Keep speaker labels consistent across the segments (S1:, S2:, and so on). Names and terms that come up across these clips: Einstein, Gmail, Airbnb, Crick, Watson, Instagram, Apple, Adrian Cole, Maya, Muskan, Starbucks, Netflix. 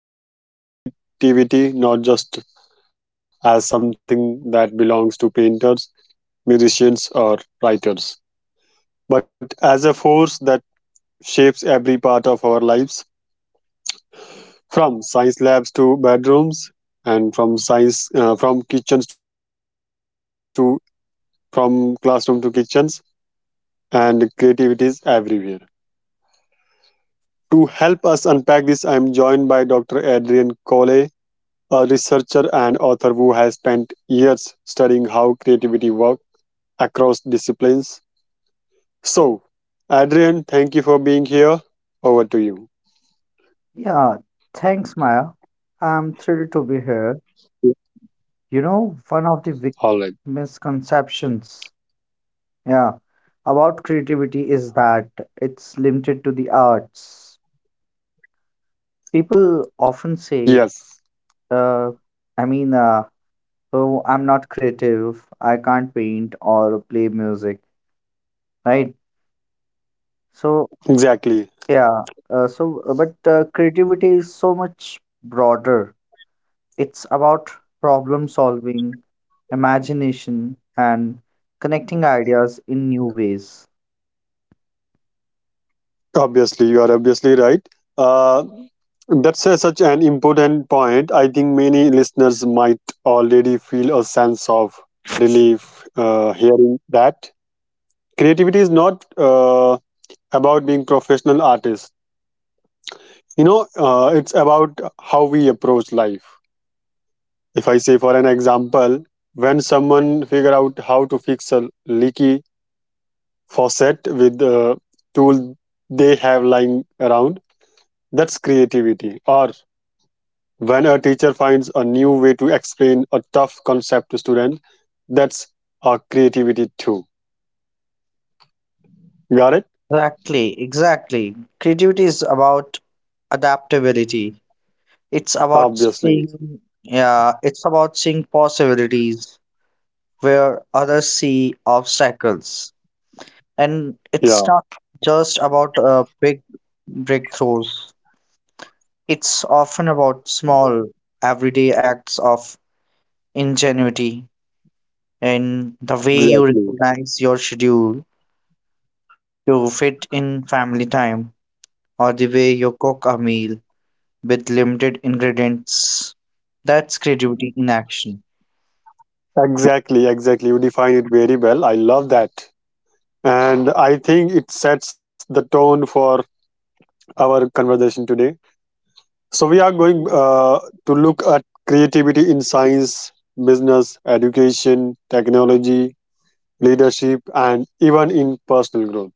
S1: Today we are exploring creativity, not just as something that belongs to painters, musicians, or writers, but as a force that shapes every part of our lives, from science labs to bedrooms, and from science, from kitchens to from classroom to kitchens, and creativity is everywhere. To help us unpack this, I'm joined by Dr. Adrian Cole, a researcher and author who has spent years studying how creativity works across disciplines. So, Adrian, thank you for being here. Over to you.
S2: Yeah, thanks, Maya. I'm thrilled to be here. One of the big
S1: All right.
S2: misconceptions, yeah, about creativity is that it's limited to the arts. People often say,
S1: Yes,
S2: uh, I mean, oh, I'm not creative, I can't paint or play music, right? So,
S1: exactly.
S2: yeah, but creativity is so much broader. It's about problem solving, imagination, and connecting ideas in new ways.
S1: Obviously, you are obviously right. Uh, such an important point. I think many listeners might already feel a sense of relief hearing that. Creativity is not about being professional artists. It's about how we approach life. If I say for an example, when someone figure out how to fix a leaky faucet with the tool they have lying around, that's creativity. Or when a teacher finds a new way to explain a tough concept to student, that's our creativity too. Got it.
S2: Exactly, exactly. Creativity is about adaptability. It's about
S1: Obviously.
S2: seeing, yeah, it's about seeing possibilities where others see obstacles. And it's
S1: Yeah,
S2: not just about big breakthroughs, it's often about small, everyday acts of ingenuity. And the way you
S1: exactly.
S2: recognize your schedule to fit in family time, or the way you cook a meal with limited ingredients. That's creativity in action.
S1: Exactly, exactly. You define it very well. I love that. And I think it sets the tone for our conversation today. So, we are going to look at creativity in science, business, education, technology, leadership, and even in personal growth.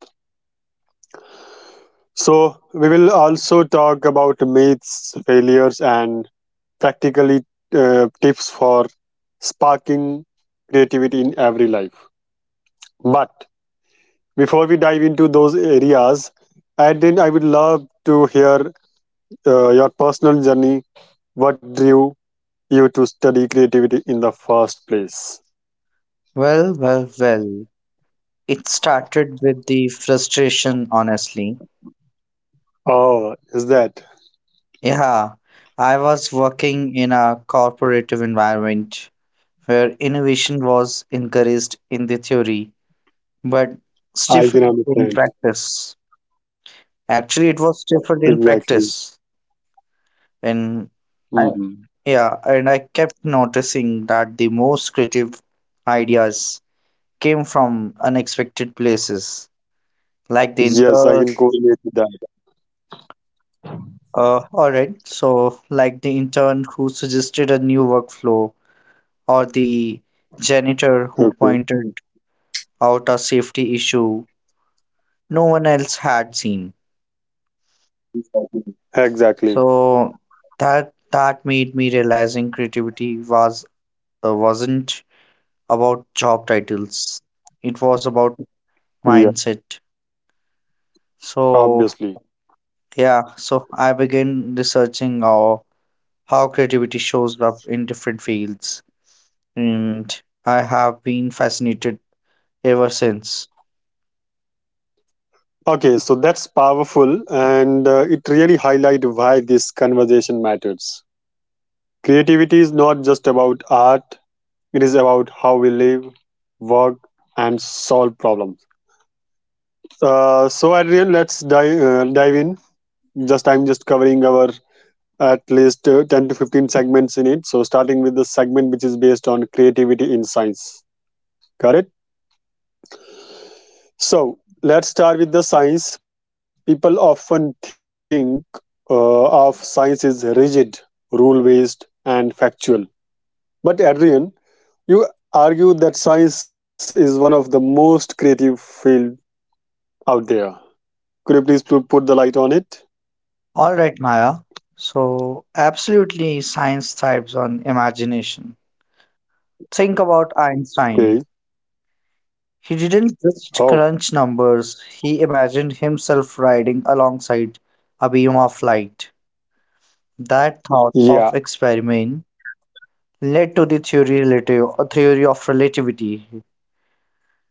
S1: So, we will also talk about myths, failures, and practically tips for sparking creativity in every life. But before we dive into those areas, Adin, I would love to hear your personal journey. What drew you to study creativity in the first place?
S2: Well, well, well. It started with the frustration, honestly.
S1: Oh, is that?
S2: Yeah, I was working in a corporative environment where innovation was encouraged in the theory but
S1: I can
S2: stifled in
S1: understand.
S2: practice. Actually, it was stifled in
S1: Exactly.
S2: practice. And I,
S1: Hmm.
S2: yeah, and I kept noticing that the most creative ideas came from unexpected places, like the
S1: Yes, I
S2: intern.
S1: can correlate with that.
S2: All right, so like the intern who suggested a new workflow, or the
S1: Okay.
S2: janitor who pointed out a safety issue no one else had seen. Exactly.
S1: Exactly.
S2: So that made me realizing creativity wasn't about job titles. It was about
S1: Yeah,
S2: mindset. So,
S1: obviously.
S2: yeah, so I began researching, how creativity shows up in different fields, and I have been fascinated ever since.
S1: Okay, so that's powerful, and it really highlight why this conversation matters. Creativity is not just about art. It is about how we live, work, and solve problems. So, Adrian, let's dive in. Just I'm just covering our at least 10 to 15 segments in it. So, starting with the segment which is based on creativity in science. Correct. So, let's start with the science. People often think of science is rigid, rule based, and factual. But Adrian, you argue that science is one of the most creative field out there. Could you please put the light on it?
S2: All right, Maya. So, absolutely, science thrives on imagination. Think about Einstein.
S1: Okay.
S2: He didn't just crunch
S1: Oh,
S2: numbers, he imagined himself riding alongside a beam of light. That thought
S1: yeah,
S2: of experiment led to the theory of relativity,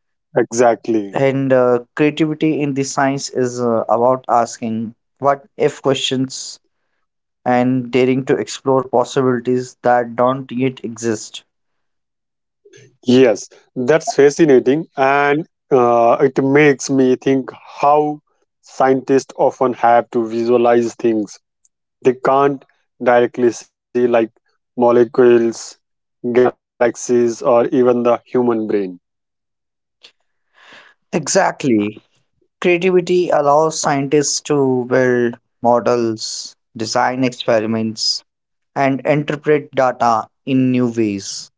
S1: exactly.
S2: and creativity in the science is about asking what if questions and daring to explore possibilities that don't yet exist.
S1: Yes, that's fascinating. And it makes me think how scientists often have to visualize things they can't directly see, like molecules, galaxies, or even the human brain.
S2: Exactly. Creativity allows scientists to build models, design experiments, and interpret data in new ways.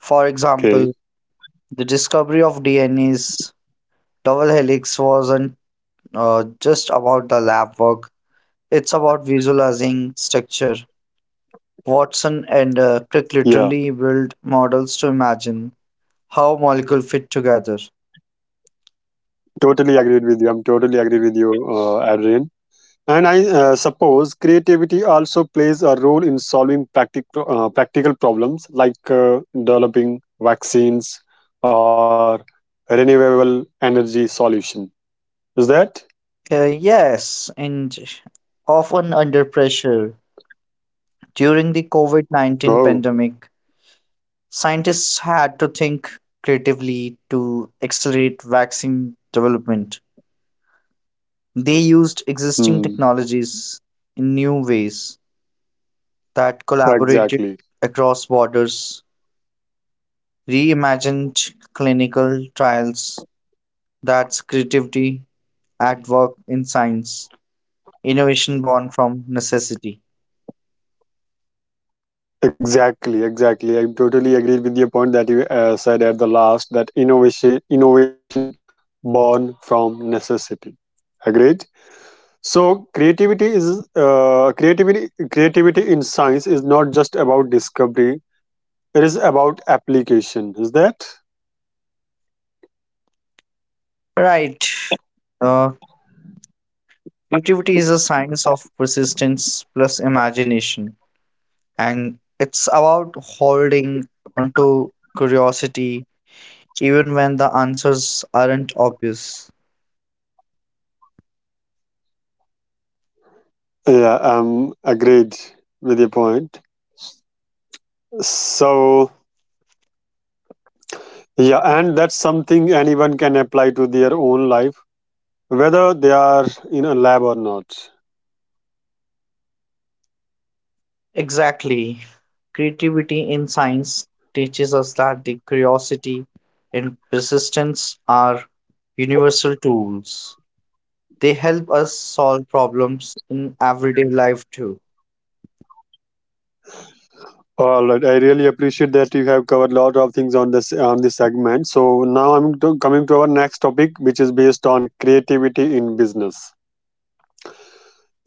S2: For example,
S1: Okay.
S2: the discovery of DNA's Double Helix wasn't just about the lab work, it's about visualizing structure. Watson and Crick
S1: Yeah,
S2: literally built models to imagine how molecules fit together.
S1: totally agreed with you, Adrian. And I suppose creativity also plays a role in solving practical problems like developing vaccines or renewable energy solution. Is that?
S2: Yes, and often under pressure. During the COVID-19
S1: Oh,
S2: pandemic, scientists had to think creatively to accelerate vaccine development. They used
S1: hmm.
S2: existing technologies in new ways that collaborated
S1: Exactly.
S2: across borders, reimagined clinical trials. That's creativity at work in science, innovation born from necessity.
S1: Exactly, exactly. I totally agree with your point that you said at the last that innovation born from necessity. Agreed? So creativity in science is not just about discovery. It is about application, is that?
S2: Right. Uh, Creativity is a science of persistence plus imagination, and it's about holding onto curiosity even when the answers aren't obvious.
S1: Yeah, I'm agreed with your point. So, yeah, and that's something anyone can apply to their own life, whether they are in a lab or not.
S2: Exactly. Creativity in science teaches us that the curiosity and persistence are universal tools. They help us solve problems in everyday life too.
S1: All right, I really appreciate that you have covered a lot of things on this segment. So now coming to our next topic, which is based on creativity in business.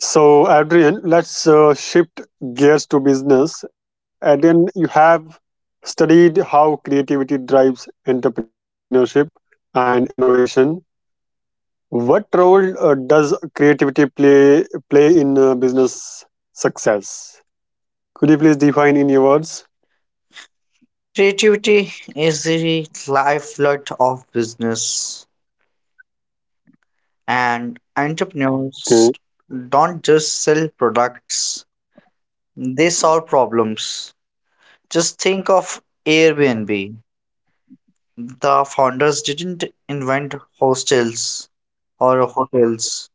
S1: So, Adrian, let's shift gears to business. Adrian, you have studied how creativity drives entrepreneurship and innovation. What role does creativity play in business success? Could you please define in your words?
S2: Creativity is the lifeblood of business, and entrepreneurs
S1: Okay.
S2: don't just sell products, they solve problems. Just think of Airbnb. The founders didn't
S1: Oh,
S2: invent hostels or hotels.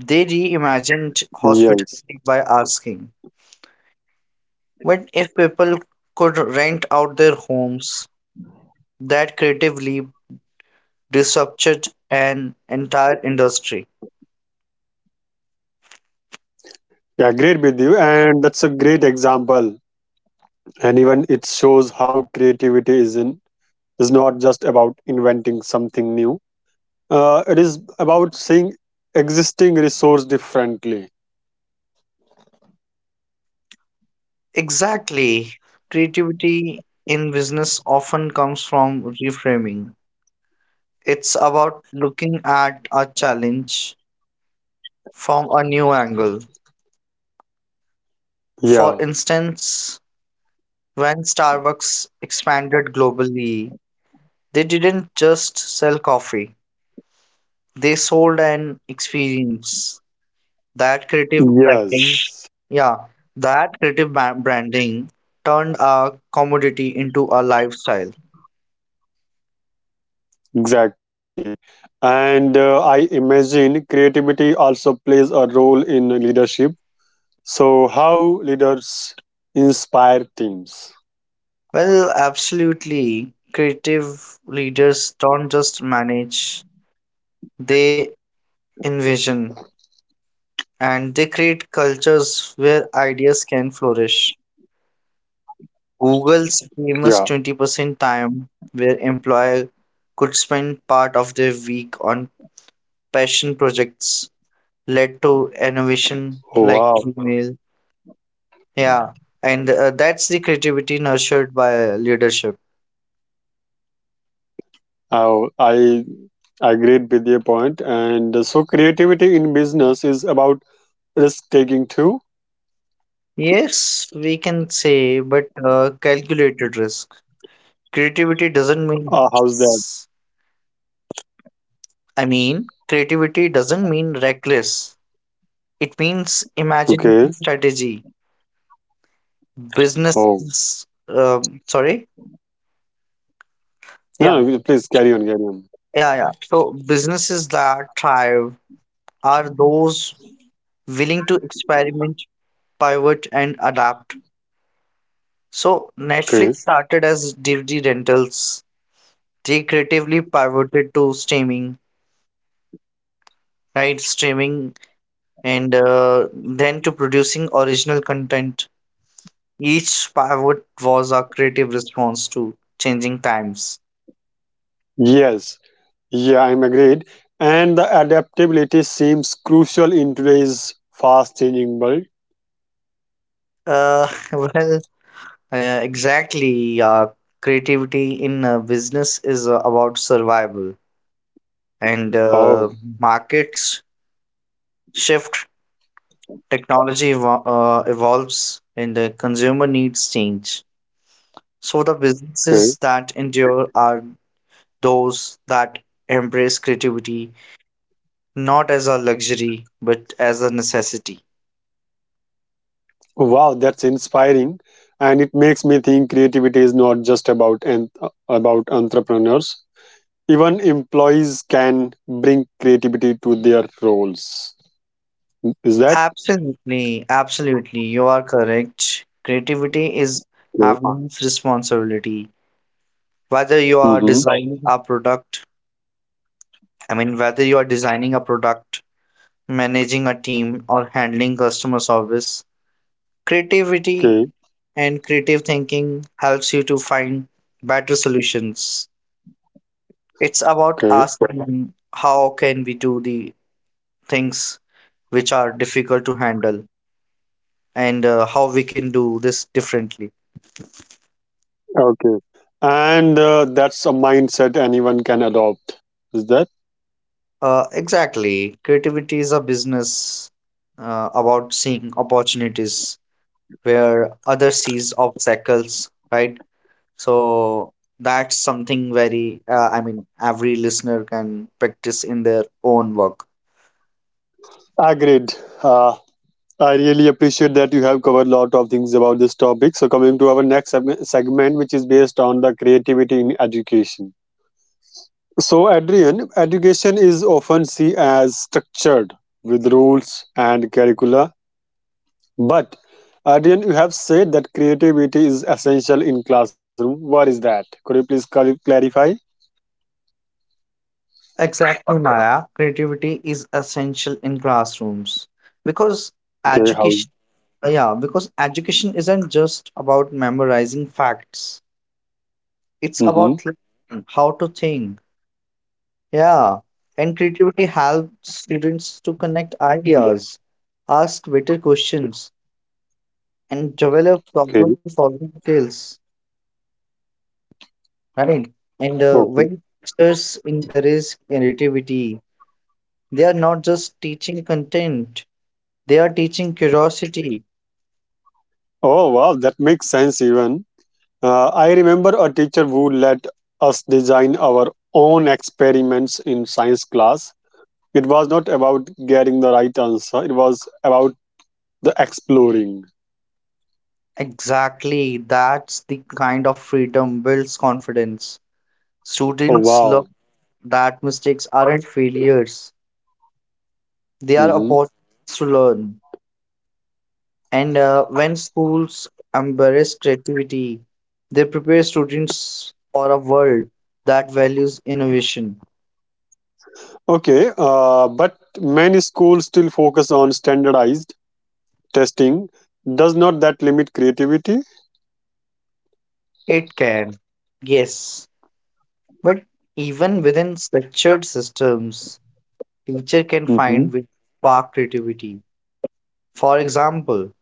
S2: They
S1: yeah.
S2: reimagined hospitality
S1: Yes.
S2: by asking, what if people could rent out their homes? That creatively disrupted an entire industry.
S1: Yeah, great with you, and that's a great example. And even it shows how creativity is in is not just about inventing something new, it is about seeing existing resource differently.
S2: Exactly. Creativity in business often comes from reframing. It's about looking at a challenge from a new angle.
S1: Yeah.
S2: For instance, when Starbucks expanded globally, they didn't just sell coffee, they sold an experience. That creative branding,
S1: Yes.
S2: yeah, that creative ba- branding turned a commodity into a lifestyle.
S1: Exactly. And I imagine creativity also a role in leadership. So how leaders inspire teams.
S2: Well, absolutely. Creative leaders don't just manage, they envision and they create cultures where ideas can flourish. Google's famous
S1: Yeah.
S2: 20% time, where employer could spend part of their week on passion projects, led to innovation
S1: Oh, wow.
S2: like Gmail. Yeah, and that's the creativity nurtured by leadership.
S1: Oh, I agreed with your point. And so creativity in business is about risk taking too.
S2: Yes, we can say, but calculated risk. Creativity doesn't mean,
S1: How's that?
S2: creativity doesn't mean reckless. It means
S1: Okay.
S2: imagination strategy,
S1: Oh.
S2: business, sorry. Yeah,
S1: No, no, please carry on, carry on.
S2: yeah, yeah. So businesses that thrive are those willing to experiment, pivot, and adapt. So Netflix
S1: Okay.
S2: started as DVD rentals. They creatively pivoted to streaming, right? Streaming, and then to producing original content. Each pivot was a creative response to changing times.
S1: Yes, yeah, I'm agreed. And the adaptability seems crucial in today's fast changing world.
S2: Uh, well, exactly. Creativity in business is about survival, and
S1: Oh,
S2: markets shift, technology evolves, and the consumer needs change. So the
S1: okay.
S2: businesses that endure are those that embrace creativity not as a luxury but as a necessity.
S1: Wow, that's inspiring. And it makes me think creativity is not just about entrepreneurs. Even employees can bring creativity to their roles. Is that?
S2: Absolutely, absolutely, you are correct. Creativity is
S1: Okay.
S2: everyone's responsibility. Whether you are
S1: Mm-hmm.
S2: designing a product, I mean, whether you are designing a product managing a team, or handling customer service.
S1: Okay.
S2: Creativity and creative thinking helps you to find better solutions. It's about
S1: Okay.
S2: asking how can we do the things which are difficult to handle and how we can do this differently.
S1: Okay. And that's a mindset anyone can adopt. Is that?
S2: Exactly. Creativity is a business, about seeing opportunities where other sees obstacles, right? So that's something very, I mean, every listener can practice in their own work.
S1: Agreed. Uh, I really appreciate that you have covered a lot of things about this topic. So, coming to our next segment, which is based on the creativity in education. So, Adrian, education is often seen as structured with rules and curricula. But Adrian, you have said that creativity is essential in classroom. What is that? Could you please clarify?
S2: Exactly, Maya. Creativity is essential in classrooms because
S1: Okay, how?
S2: education, yeah, because education isn't just about memorizing facts, it's
S1: Mm-hmm.
S2: about learning how to think. Yeah, and creativity helps students to connect ideas, ask better questions, and develop
S1: Okay.
S2: problem solving skills. Right. And
S1: Okay.
S2: when teachers encourage creativity, they are not just teaching content, they are teaching curiosity.
S1: Oh, wow, that makes sense even. I remember a teacher who let us design our own experiments in science class. It was not about getting the right answer, it was about the exploring.
S2: Exactly. That's the kind of freedom builds confidence.
S1: Oh,
S2: Students love
S1: wow.
S2: that mistakes aren't failures, they are
S1: Hmm.
S2: opportunities to learn. And when schools embrace creativity, they prepare students for a world that values innovation.
S1: Okay, but many schools still focus on standardized testing. Does not that limit creativity?
S2: It can. Yes. But even within structured systems, teacher can find
S1: Hmm.
S2: with spark creativity. For example,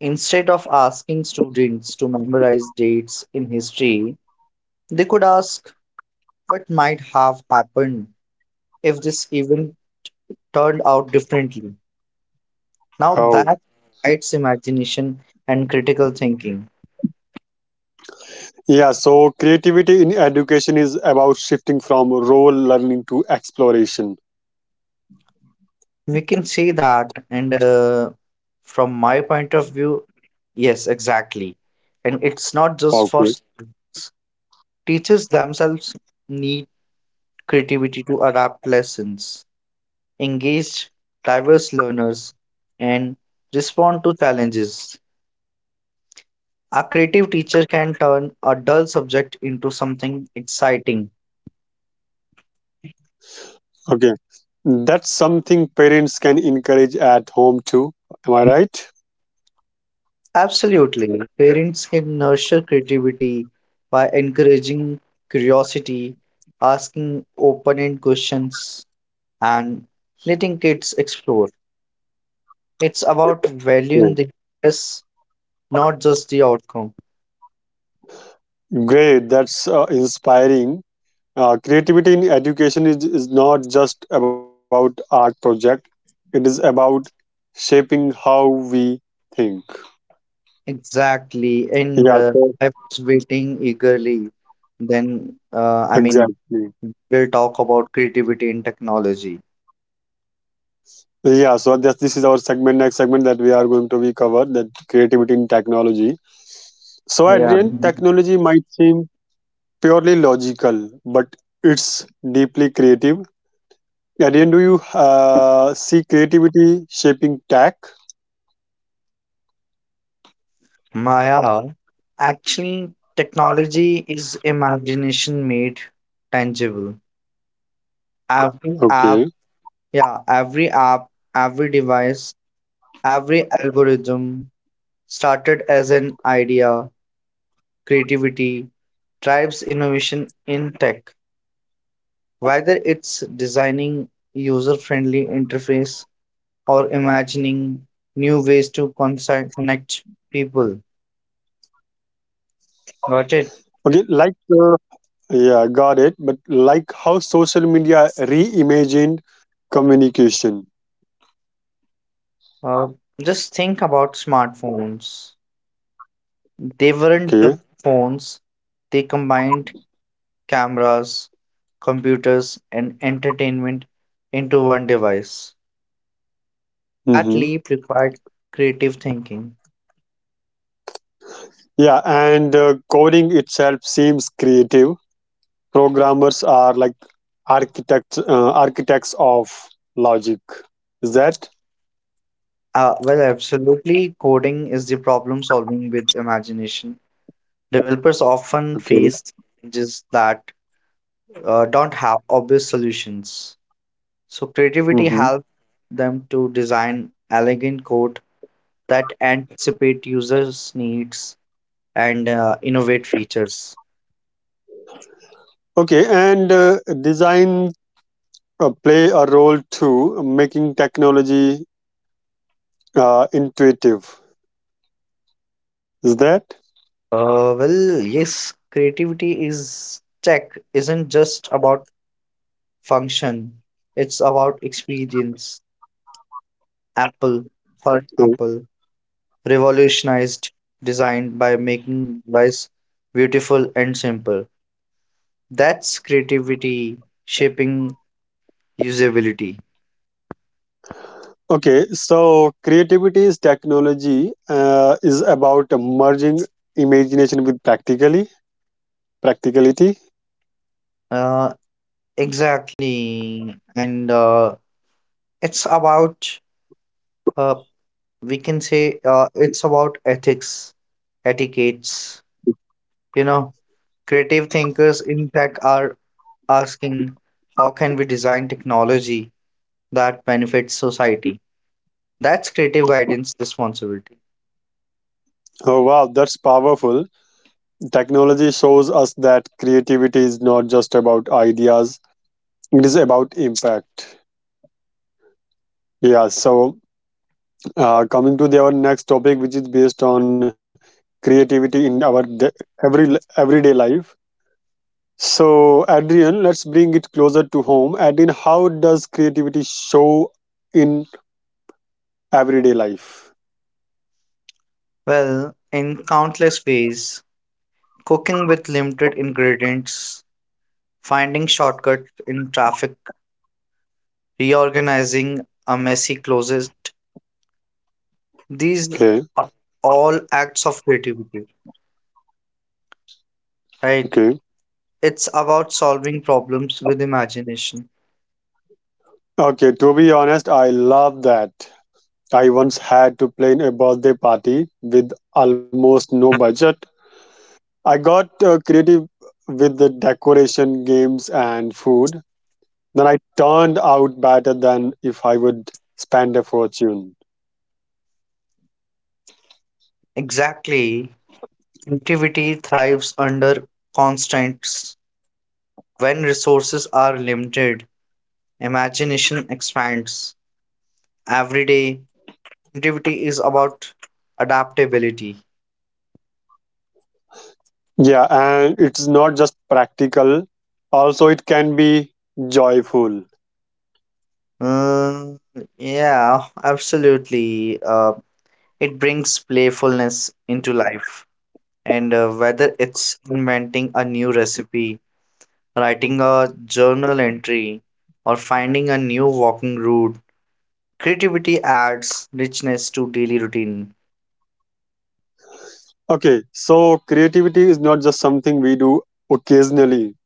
S2: instead of asking students to memorize dates in history, they could ask what might have happened if this event turned out differently. Now
S1: Oh.
S2: that invites imagination and critical thinking.
S1: Yeah, so creativity in education is about shifting from role learning to exploration.
S2: We can say that, and from my point of view, yes, exactly. And it's not just for
S1: Okay.
S2: students. Teachers themselves need creativity to adapt lessons, engage diverse learners, and respond to challenges. A creative teacher can turn a dull subject into something exciting.
S1: Okay. That's something parents can encourage at home too. Am I right?
S2: Absolutely. Parents can nurture creativity by encouraging curiosity, asking open ended questions, and letting kids explore. It's about
S1: Mm.
S2: valuing the process, not just the outcome.
S1: Great. That's inspiring. Creativity in education is not just about art project. It is about shaping how we think.
S2: Exactly.
S1: Yeah.
S2: And
S1: So
S2: I was waiting eagerly. Then, I mean,
S1: exactly.
S2: we'll talk about creativity in technology.
S1: Yeah. So this is our segment. Next segment that we are going to be covered that creativity in technology. So
S2: Yeah.
S1: Adrian, technology might seem purely logical, but it's deeply creative. Adrian, do you see creativity shaping tech?
S2: Maya, actually, technology is imagination made tangible. Every
S1: Okay.
S2: app, yeah, every app, every device, every algorithm started as an idea, creativity, drives innovation in tech. Whether it's designing user-friendly interface or imagining new ways to connect people. Got it.
S1: Okay, like uh, yeah, got it. But like how social media reimagined communication.
S2: uh, just think about smartphones. They weren't just
S1: Okay.
S2: phones. They combined cameras, computers, and entertainment into one device. That
S1: Mm-hmm.
S2: leap required creative thinking.
S1: Yeah, and coding itself seems creative. Programmers are like architects of logic. Is that?
S2: Well, absolutely, coding is the problem solving with imagination. Developers often
S1: Okay.
S2: face challenges that don't have obvious solutions. So, creativity
S1: Mm-hmm.
S2: helps them to design elegant code that anticipate users' needs and innovate features.
S1: Okay? And design play a role too, making technology intuitive, is that?
S2: Well, yes, creativity is tech isn't just about function, it's about experience. Apple, for
S1: Mm.
S2: example, revolutionized design by making device beautiful and simple. That's creativity shaping usability.
S1: Okay, so creativity is technology is about merging imagination with practically practicality.
S2: Uh, exactly. And it's about, uh, we can say, it's about ethics, etiquettes. You know, creative thinkers in tech are asking, how can we design technology that benefits society? That's creative guidance responsibility.
S1: Oh wow, that's powerful. Technology shows us that creativity is not just about ideas, it is about impact. Yeah, so coming to our next topic, which is based on creativity in our de- every everyday life. So, Adrian, let's bring it closer to home. Adrian, how does creativity show in everyday life?
S2: Well, in countless ways, cooking with limited ingredients, finding shortcuts in traffic, reorganizing a messy closet. These
S1: Okay,
S2: are all acts of creativity, right?
S1: okay.
S2: It's about solving problems with imagination.
S1: Okay, to be honest, I love that. I once had to plan a birthday party with almost no budget. I got creative with the decoration, games, and food. Then I turned out better than if I would spend a fortune.
S2: Exactly. Creativity thrives under constraints. When resources are limited, imagination expands. Every day, creativity is about adaptability.
S1: Yeah, and it's not just practical, also, it can be joyful.
S2: Uh, yeah, absolutely. It brings playfulness into life. And whether it's inventing a new recipe, writing a journal entry, or finding a new walking route, creativity adds richness to daily routine.
S1: Okay, so creativity is not just something we do occasionally,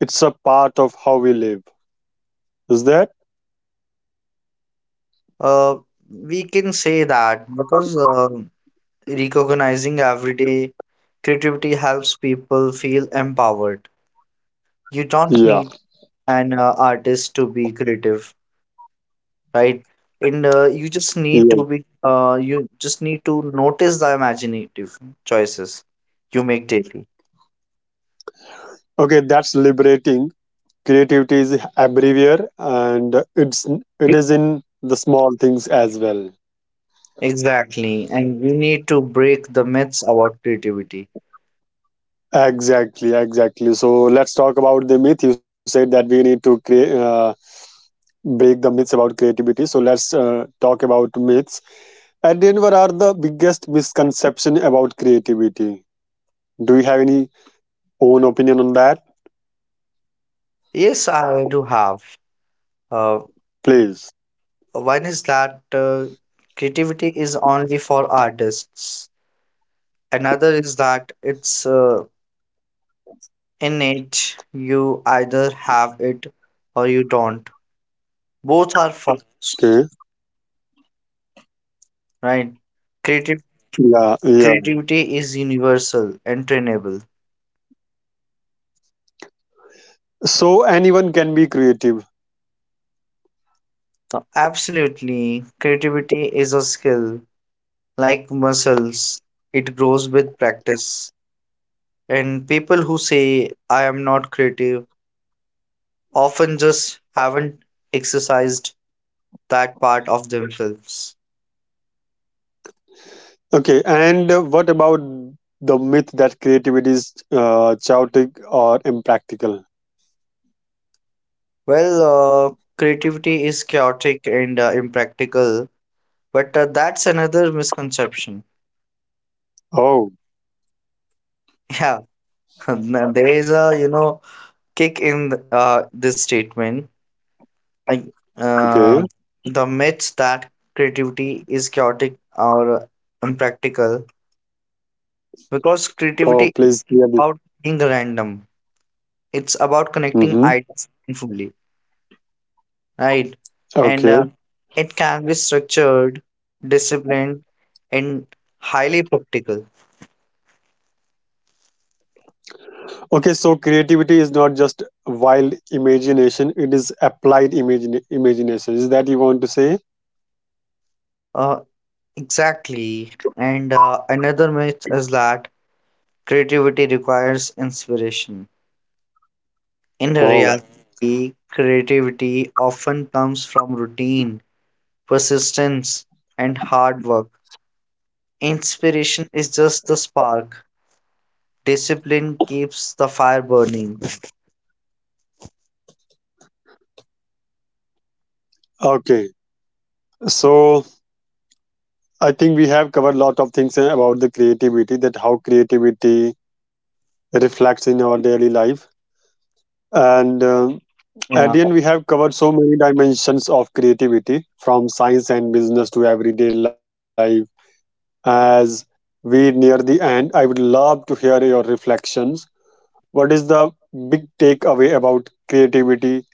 S1: it's a part of how we live. Is that?
S2: Uh, we can say that because recognizing everyday creativity helps people feel empowered. You don't
S1: Yeah.
S2: need an artist to be creative. Right? And
S1: Yeah.
S2: you just need to notice the imaginative choices you make daily.
S1: Okay, that's liberating. Creativity is everywhere, and it is in the small things as well.
S2: Exactly. And we need to break the myths about creativity.
S1: Exactly, exactly. So let's talk about the myth. You said that we need to break the myths about creativity. So let's talk about myths. At the end, what are the biggest misconception about creativity? Do you have any own opinion on that?
S2: Yes, I do have. Uh,
S1: Please.
S2: One is that creativity is only for artists. Another is that it's innate. You either have it or you don't. Both are false,
S1: Okay.
S2: right? Creative
S1: Yeah, yeah.
S2: Creativity is universal and trainable.
S1: So anyone can be creative.
S2: Absolutely. Creativity is a skill like muscles, it grows with practice. And people who say, I am not creative, often just haven't exercised that part of themselves.
S1: Okay, and what about the myth that creativity is chaotic or impractical?
S2: Well, creativity is chaotic and impractical, but that's another misconception.
S1: Oh,
S2: Yeah, there is a, kick in this statement, I, uh,
S1: okay.
S2: the myths that creativity is chaotic or impractical because
S1: Oh,
S2: creativity
S1: please
S2: is
S1: clear this.
S2: about being random. It's about connecting
S1: Mm-hmm.
S2: ideas meaningfully, right? And
S1: Okay.
S2: it can be structured, disciplined, and highly practical.
S1: Okay, so creativity is not just wild imagination, it is applied imagine imagination. Is that you want to say?
S2: Uh, exactly. And another myth is that creativity requires inspiration. In
S1: Oh,
S2: reality, creativity often comes from routine, persistence, and hard work. Inspiration is just the spark. Discipline keeps the fire burning.
S1: okay. So I think we have covered a lot of things about the creativity, that how creativity reflects in our daily life. And at
S2: Yeah.
S1: the end, we have covered so many dimensions of creativity from science and business to everyday life. As we near the end, I would love to hear your reflections. What is the big takeaway about creativity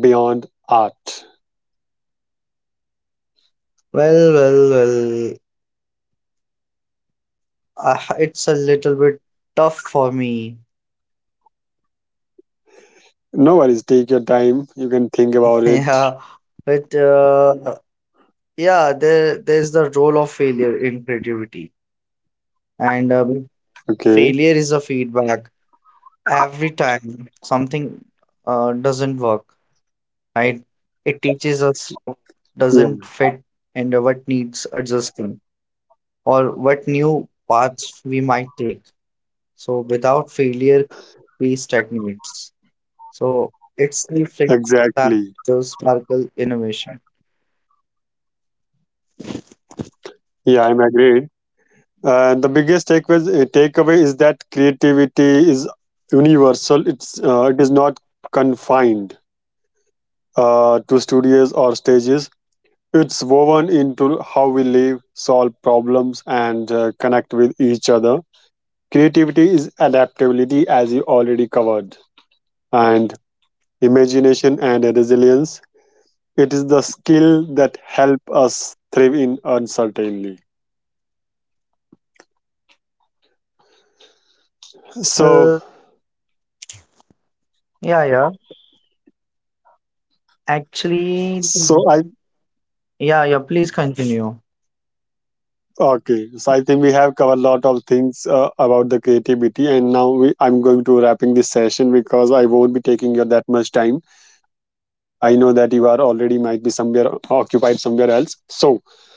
S1: beyond art?
S2: Well, well, well. It's a little bit tough for me.
S1: No worries, take your time. You can think about it.
S2: Yeah. But yeah, there's the role of failure in creativity, and
S1: Okay.
S2: failure is a feedback. Every time something doesn't work, I, it teaches us
S1: Yeah,
S2: doesn't fit and what needs adjusting or what new paths we might take. So without failure, we stagnates. So it's the friction that
S1: exactly.
S2: the sparkle innovation.
S1: Yeah, I'm agreed. The biggest takeaway is that creativity is universal. It is not confined to studios or stages. It's woven into how we live, solve problems, and connect with each other. Creativity is adaptability, as you already covered, and imagination and resilience. It is the skill that help us thrive in uncertainty. So,
S2: Uh, yeah, yeah. Actually,
S1: so I
S2: yeah, yeah. Please continue.
S1: okay, so I think we have covered a lot of things about the creativity, and I'm going to wrapping this session because I won't be taking you that much time. I know that you are already might be somewhere occupied somewhere else. So,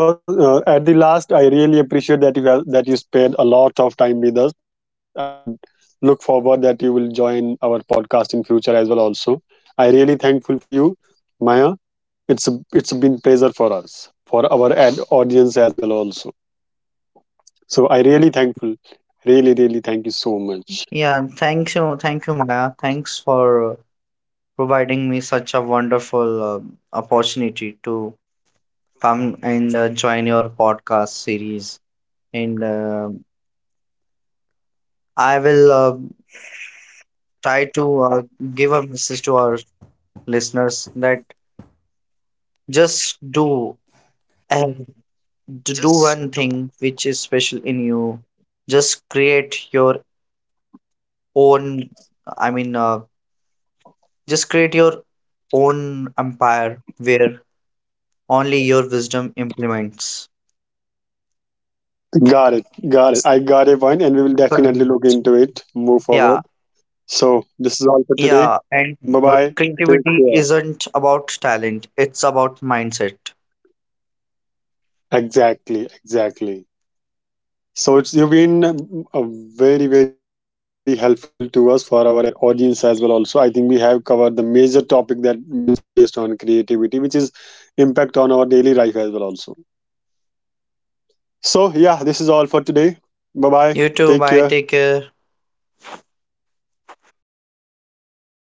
S1: at the last, I really appreciate that you spared a lot of time with us. I would look forward that you will join our podcast in future as well. Also, I really thankful for you, Maya. It's been pleasure for us for our ad audience as well. Also. So I really thankful. Really, really thank you so much.
S2: Yeah, thank you, Maya. Thanks for uh, providing me such a wonderful opportunity to come and join your podcast series. And I will try to give a message to our listeners that just do and to do one thing which is special in you. Just create your own, I mean, uh, just create your own empire where only your wisdom implements.
S1: Got it. Got it. I got it one, and we will definitely look
S2: Correct.
S1: into it. Move forward.
S2: Yeah,
S1: So this is all for today.
S2: yeah, and
S1: Bye bye. Take
S2: creativity
S1: care.
S2: isn't about talent, it's about mindset.
S1: Exactly. Exactly. So it's you've been very very helpful to us for our audience as well. Also, I think we have covered the major topic that which is based on creativity, which is impact on our daily life as well. Also. So yeah, this is all for today. Bye
S2: You
S1: bye.
S2: too, bye,
S1: Take
S2: take
S1: care.
S2: care.
S1: All right.